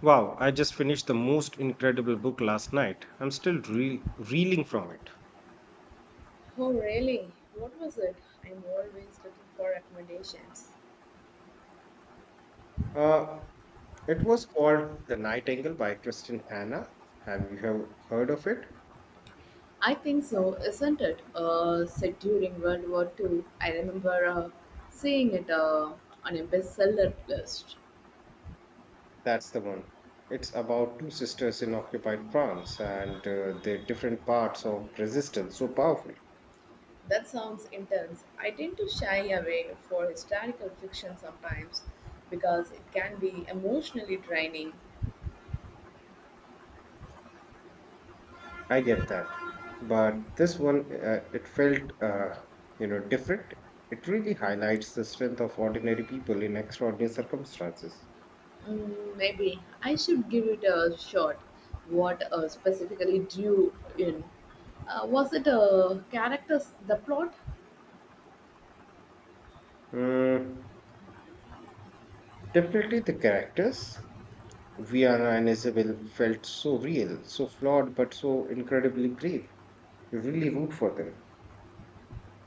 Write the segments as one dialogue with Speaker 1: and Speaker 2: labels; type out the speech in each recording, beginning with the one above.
Speaker 1: Wow, I just finished the most incredible book last night. I'm still reeling from it.
Speaker 2: Oh, really? What was it? I'm always looking for recommendations.
Speaker 1: Uh, it was called The Nightingale by Kristen Hanna. Have you have heard of it?
Speaker 2: I think so, isn't it? Set during World War Two. I remember seeing it on a bestseller list.
Speaker 1: That's the one. It's about two sisters in occupied France and their different parts of resistance. So powerful.
Speaker 2: That sounds intense. I tend to shy away for historical fiction sometimes because it can be emotionally draining.
Speaker 1: I get that, but this one it felt different. It really highlights the strength of ordinary people in extraordinary circumstances.
Speaker 2: Mm, maybe I should give it a shot. What specifically drew you in? Was it characters, the plot?
Speaker 1: Mm, definitely, the characters Viana and Isabel felt so real, so flawed, but so incredibly brave. You really root for them.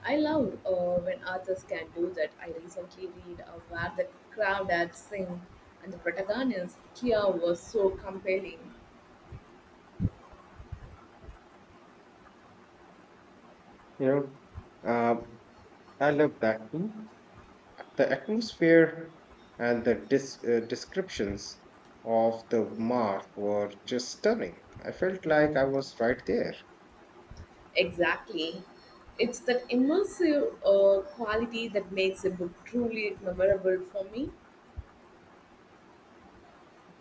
Speaker 2: I love when authors can do that. I recently read Where the Crowd Had Sing, and the protagonist, Kia, was so compelling.
Speaker 1: You know, uh, I love that too. The atmosphere and the descriptions of the mark were just stunning. I felt like I was right there.
Speaker 2: Exactly. It's that immersive quality that makes a book truly memorable for me.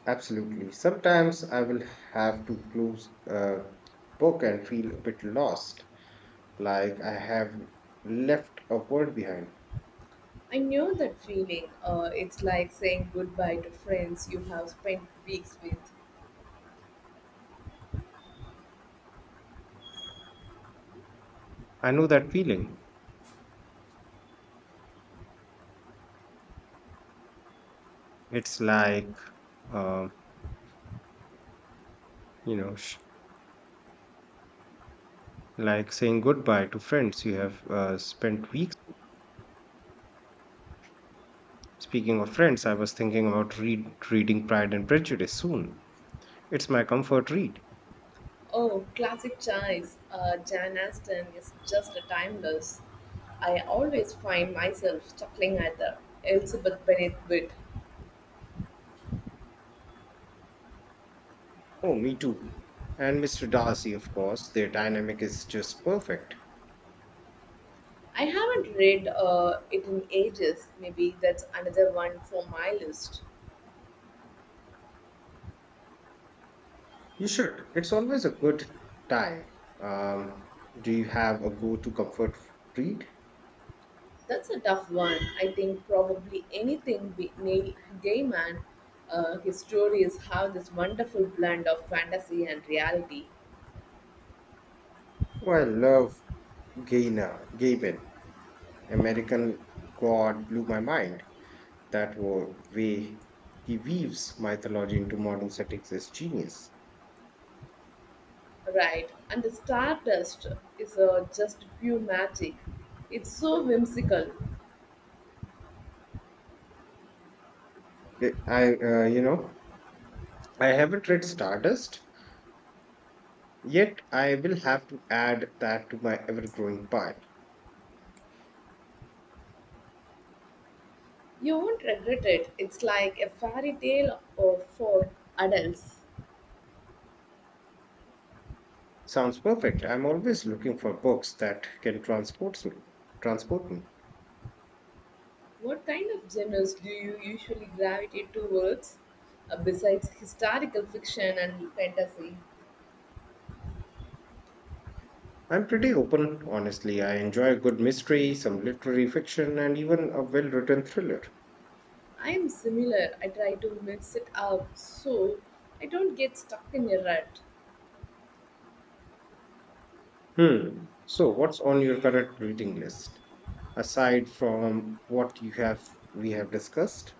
Speaker 1: Absolutely. Sometimes I will have to close a book and feel a bit lost, like I have left a world behind.
Speaker 2: I know that feeling. It's like saying goodbye to friends you have spent weeks with.
Speaker 1: I know that feeling. It's like, uh, you know, sh- like saying goodbye to friends you have spent weeks. Speaking of friends, I was thinking about reading Pride and Prejudice soon. It's my comfort read.
Speaker 2: Oh, classic choice. Jan Aston is just a timeless. I always find myself chuckling at the Elizabeth Bennet bit.
Speaker 1: Oh, me too. And Mr. Darcy, of course, their dynamic is just perfect.
Speaker 2: I haven't read it in ages. Maybe that's another one for my list.
Speaker 1: You should. It's always a good time. Um, do you have a go to comfort read?
Speaker 2: That's a tough one. I think probably anything by Neil Gaiman. His stories have this wonderful blend of fantasy and reality.
Speaker 1: Oh, I love Gabin. American God blew my mind. That way he weaves mythology into modern settings is genius.
Speaker 2: Right, and the Stardust is just pure magic. It's so whimsical.
Speaker 1: Eh, I, uh, you know, I haven't read Stardust yet. I will have to add that to my ever-growing pile.
Speaker 2: You won't regret it. It's like a fairy tale or for adults.
Speaker 1: Sounds perfect. I'm always looking for books that can transport me. Transport me.
Speaker 2: What kind of genres do you usually gravitate towards besides historical fiction and fantasy?
Speaker 1: I'm pretty open, honestly. I enjoy a good mystery, some literary fiction, and even a well-written thriller.
Speaker 2: I am similar. I try to mix it up so I don't get stuck in a rut.
Speaker 1: Hmm. So, what's on your current reading list aside from what you have we have discussed?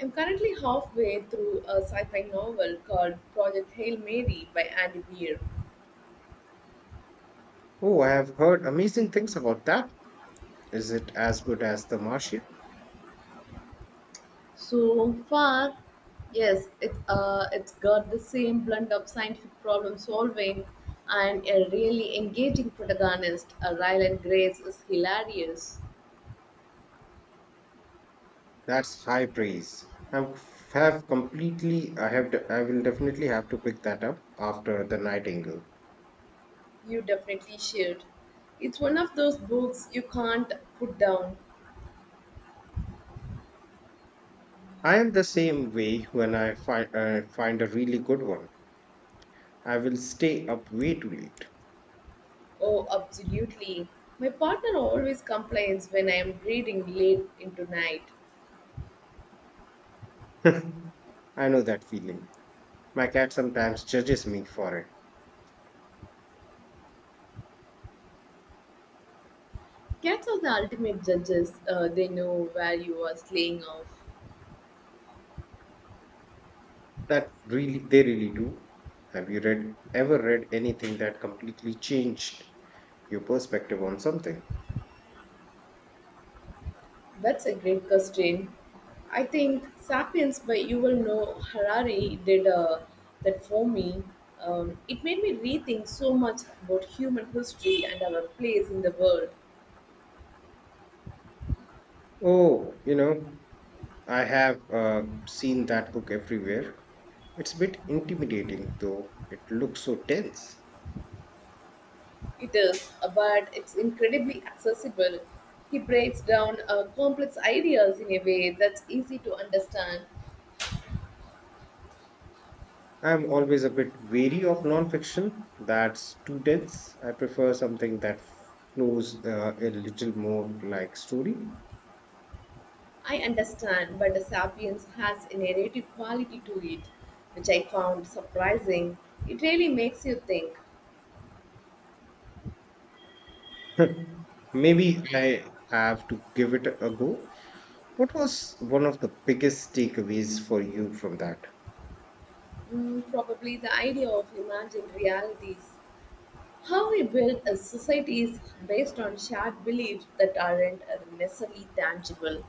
Speaker 2: I'm currently halfway through a sci fi novel called Project Hail Mary by Andy Weir.
Speaker 1: Oh, I have heard amazing things about that. Is it as good as The Martian?
Speaker 2: So far, yes, it, it's got the same blend of scientific problem solving and a really engaging protagonist. Ryland Grace is hilarious.
Speaker 1: That's high praise. I'm have completely. I have. De- I will definitely have to pick that up after the Nightingale.
Speaker 2: You definitely should. It's one of those books you can't put down.
Speaker 1: I am the same way when I find a really good one. I will stay up way too late.
Speaker 2: Oh, absolutely. My partner always complains when I am reading late into night.
Speaker 1: I know that feeling. My cat sometimes judges me for it.
Speaker 2: Cats are the ultimate judges. They know where you are slaying off.
Speaker 1: They really do. Have you read ever read anything that completely changed your perspective on something?
Speaker 2: That's a great question. I think *Sapiens* by Yuval Noah Harari did that for me. It made me rethink so much about human history and our place in the world.
Speaker 1: Oh, you know, I have seen that book everywhere. It's a bit intimidating, though. It looks so dense.
Speaker 2: It is, but it's incredibly accessible. He breaks down complex ideas in a way that's easy to understand.
Speaker 1: I'm always a bit wary of nonfiction that's too dense. I prefer something that flows a little more like story.
Speaker 2: I understand, but the *Sapiens* has a narrative quality to it, which I found surprising. It really makes you think.
Speaker 1: Hmm. Maybe I have to give it a go. What was one of the biggest takeaways for you from that?
Speaker 2: Mm, probably the idea of imagined realities. How we build a societies based on shared beliefs that aren't necessarily tangible.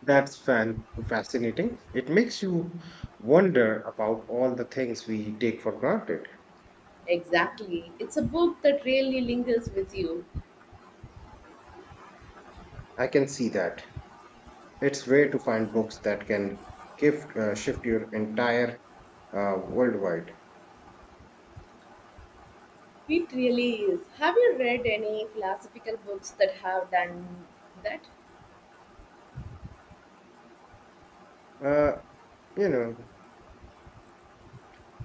Speaker 1: That's fan fascinating. It makes you wonder about all the things we take for granted.
Speaker 2: Exactly. It's a book that really lingers with you.
Speaker 1: I can see that. It's rare to find books that can shift your entire worldwide.
Speaker 2: It really is. Have you read any philosophical books that have done that?
Speaker 1: Uh, you know,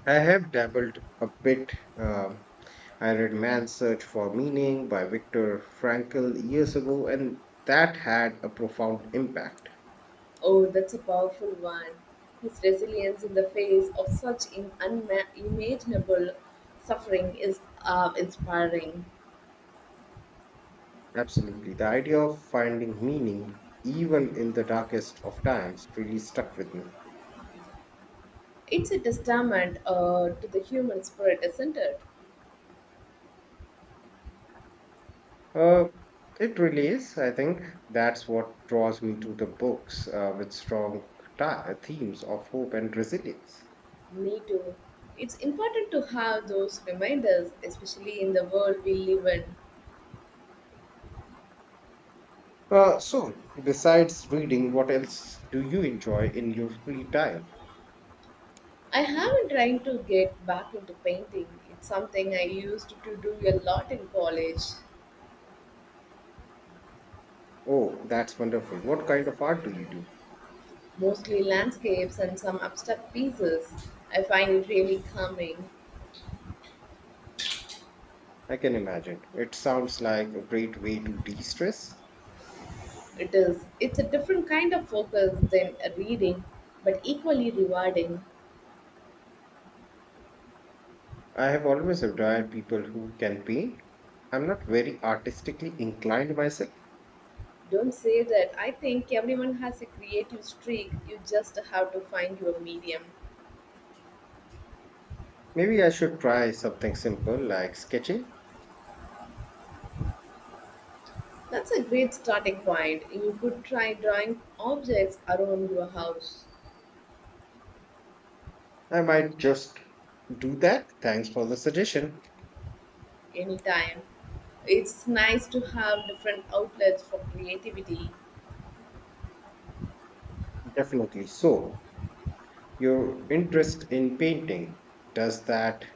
Speaker 1: I have dabbled a bit. Uh, I read Man's Search for Meaning by Viktor Frankl years ago, and that had a profound impact.
Speaker 2: Oh, that's a powerful one. His resilience in the face of such unimaginable suffering is inspiring.
Speaker 1: Absolutely. The idea of finding meaning, even in the darkest of times, really stuck with me.
Speaker 2: It's a testament to the human spirit, isn't it?
Speaker 1: Uh, it really is. I think that's what draws me to the books with strong themes of hope and resilience.
Speaker 2: Me too. It's important to have those reminders, especially in the world we live in.
Speaker 1: So, besides reading, what else do you enjoy in your free time?
Speaker 2: I have been trying to get back into painting. It's something I used to do a lot in college,
Speaker 1: Oh, that's wonderful. What kind of art do you do?
Speaker 2: mostly landscapes and some abstract pieces. I find it really calming.
Speaker 1: I can imagine. It sounds like a great way to de stress.
Speaker 2: It is. It's a different kind of focus than a reading, but equally rewarding.
Speaker 1: I have always admired people who can paint. I'm not very artistically inclined myself.
Speaker 2: Don't say that. I think everyone has a creative streak. You just have to find your medium.
Speaker 1: Maybe I should try something simple like sketching.
Speaker 2: That's a great starting point. You could try drawing objects around your house
Speaker 1: I might just do that. Thanks for the suggestion.
Speaker 2: anytime. It's nice to have different outlets for creativity.
Speaker 1: Definitely. So, your interest in painting, does that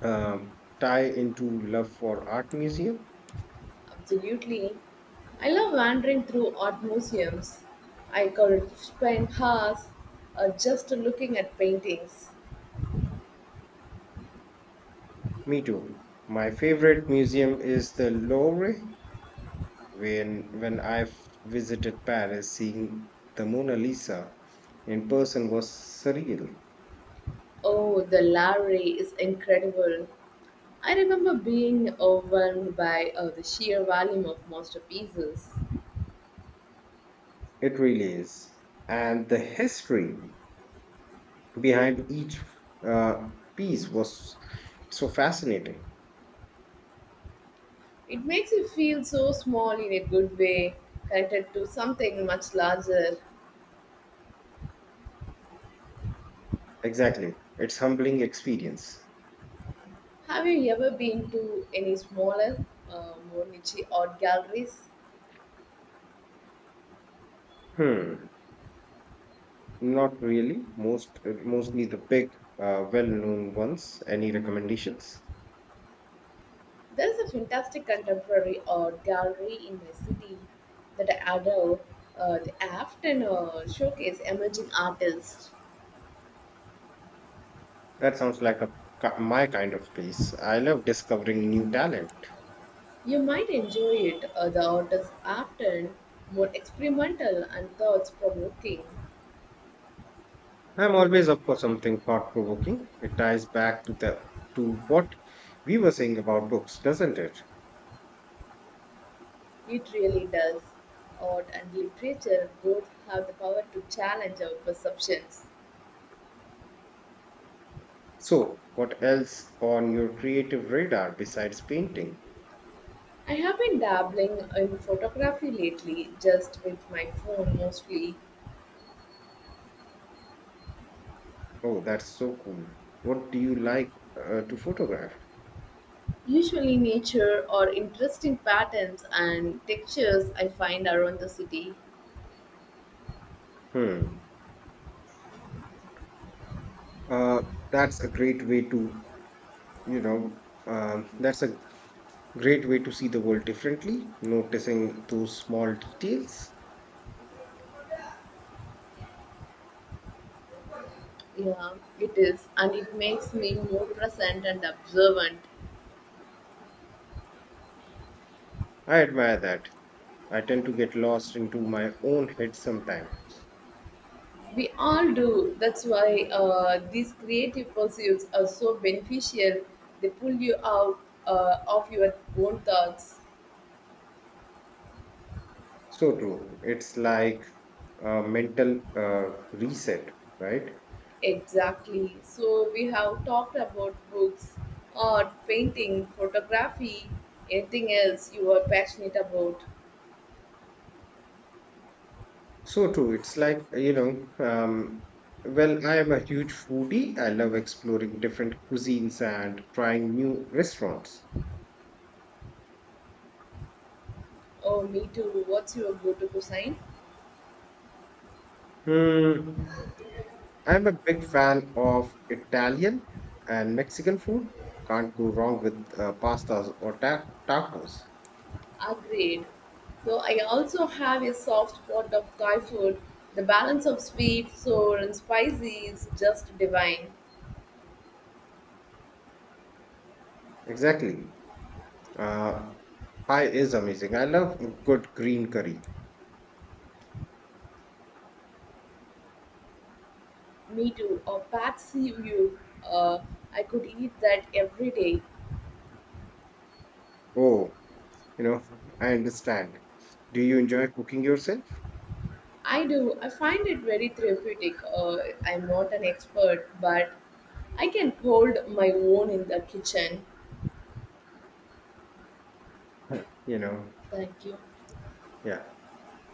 Speaker 1: um, tie into love for art museum?
Speaker 2: Absolutely. I love wandering through art museums. I could spend hours just looking at paintings.
Speaker 1: Me too. My favorite museum is the Louvre. When I visited Paris, seeing the Mona Lisa in person was surreal.
Speaker 2: Oh, the Lowry is incredible. I remember being overwhelmed by the sheer volume of masterpieces.
Speaker 1: It really is. And the history behind each uh, piece was so fascinating.
Speaker 2: It makes you feel so small in a good way, connected to something much larger.
Speaker 1: Exactly. It's humbling experience.
Speaker 2: Have you ever been to any smaller, more niche art galleries?
Speaker 1: Hmm. Not really. Mostly the big, well-known ones. Any recommendations?
Speaker 2: There's a fantastic contemporary art gallery in my city that I adore. They often showcase emerging artists.
Speaker 1: That sounds like a my kind of place. I love discovering new talent.
Speaker 2: You might enjoy it. The art is often more experimental and thoughts provoking.
Speaker 1: I'm always up for something thought-provoking. It ties back to the to what we were saying about books, doesn't it?
Speaker 2: It really does. Art and literature both have the power to challenge our perceptions.
Speaker 1: So, what else on your creative radar besides painting?
Speaker 2: I have been dabbling in photography lately, just with my phone mostly.
Speaker 1: Oh, that's so cool. What do you like to photograph?
Speaker 2: Usually, nature or interesting patterns and textures I find around the city.
Speaker 1: Hmm. Uh, that's a great way to, you know, that's a great way to see the world differently, noticing those small details.
Speaker 2: Yeah, it is, and it makes me more present and observant.
Speaker 1: I admire that. I tend to get lost into my own head sometimes.
Speaker 2: We all do. That's why these creative pursuits are so beneficial. They pull you out of your own thoughts.
Speaker 1: So true. It's like a mental reset, right?
Speaker 2: Exactly. So we have talked about books, art, painting, photography, anything else you are passionate about.
Speaker 1: So true. It's like, you know, well, I am a huge foodie. I love exploring different cuisines and trying new restaurants.
Speaker 2: Oh, me too. What's your go-to sign?
Speaker 1: Hmm. I'm a big fan of Italian and Mexican food. Can't go wrong with pastas or tacos.
Speaker 2: Agreed. So I also have a soft spot of Thai food. The balance of sweet, sour, and spicy is just divine.
Speaker 1: Exactly. Uh, pie is amazing. I love a good green curry.
Speaker 2: Me too. A Patsy view. Uh, I could eat that every day.
Speaker 1: Oh, you know, I understand. Do you enjoy cooking yourself?
Speaker 2: I do. I find it very therapeutic. I'm not an expert, but I can hold my own in the kitchen.
Speaker 1: Huh. You know,
Speaker 2: Thank you.
Speaker 1: yeah.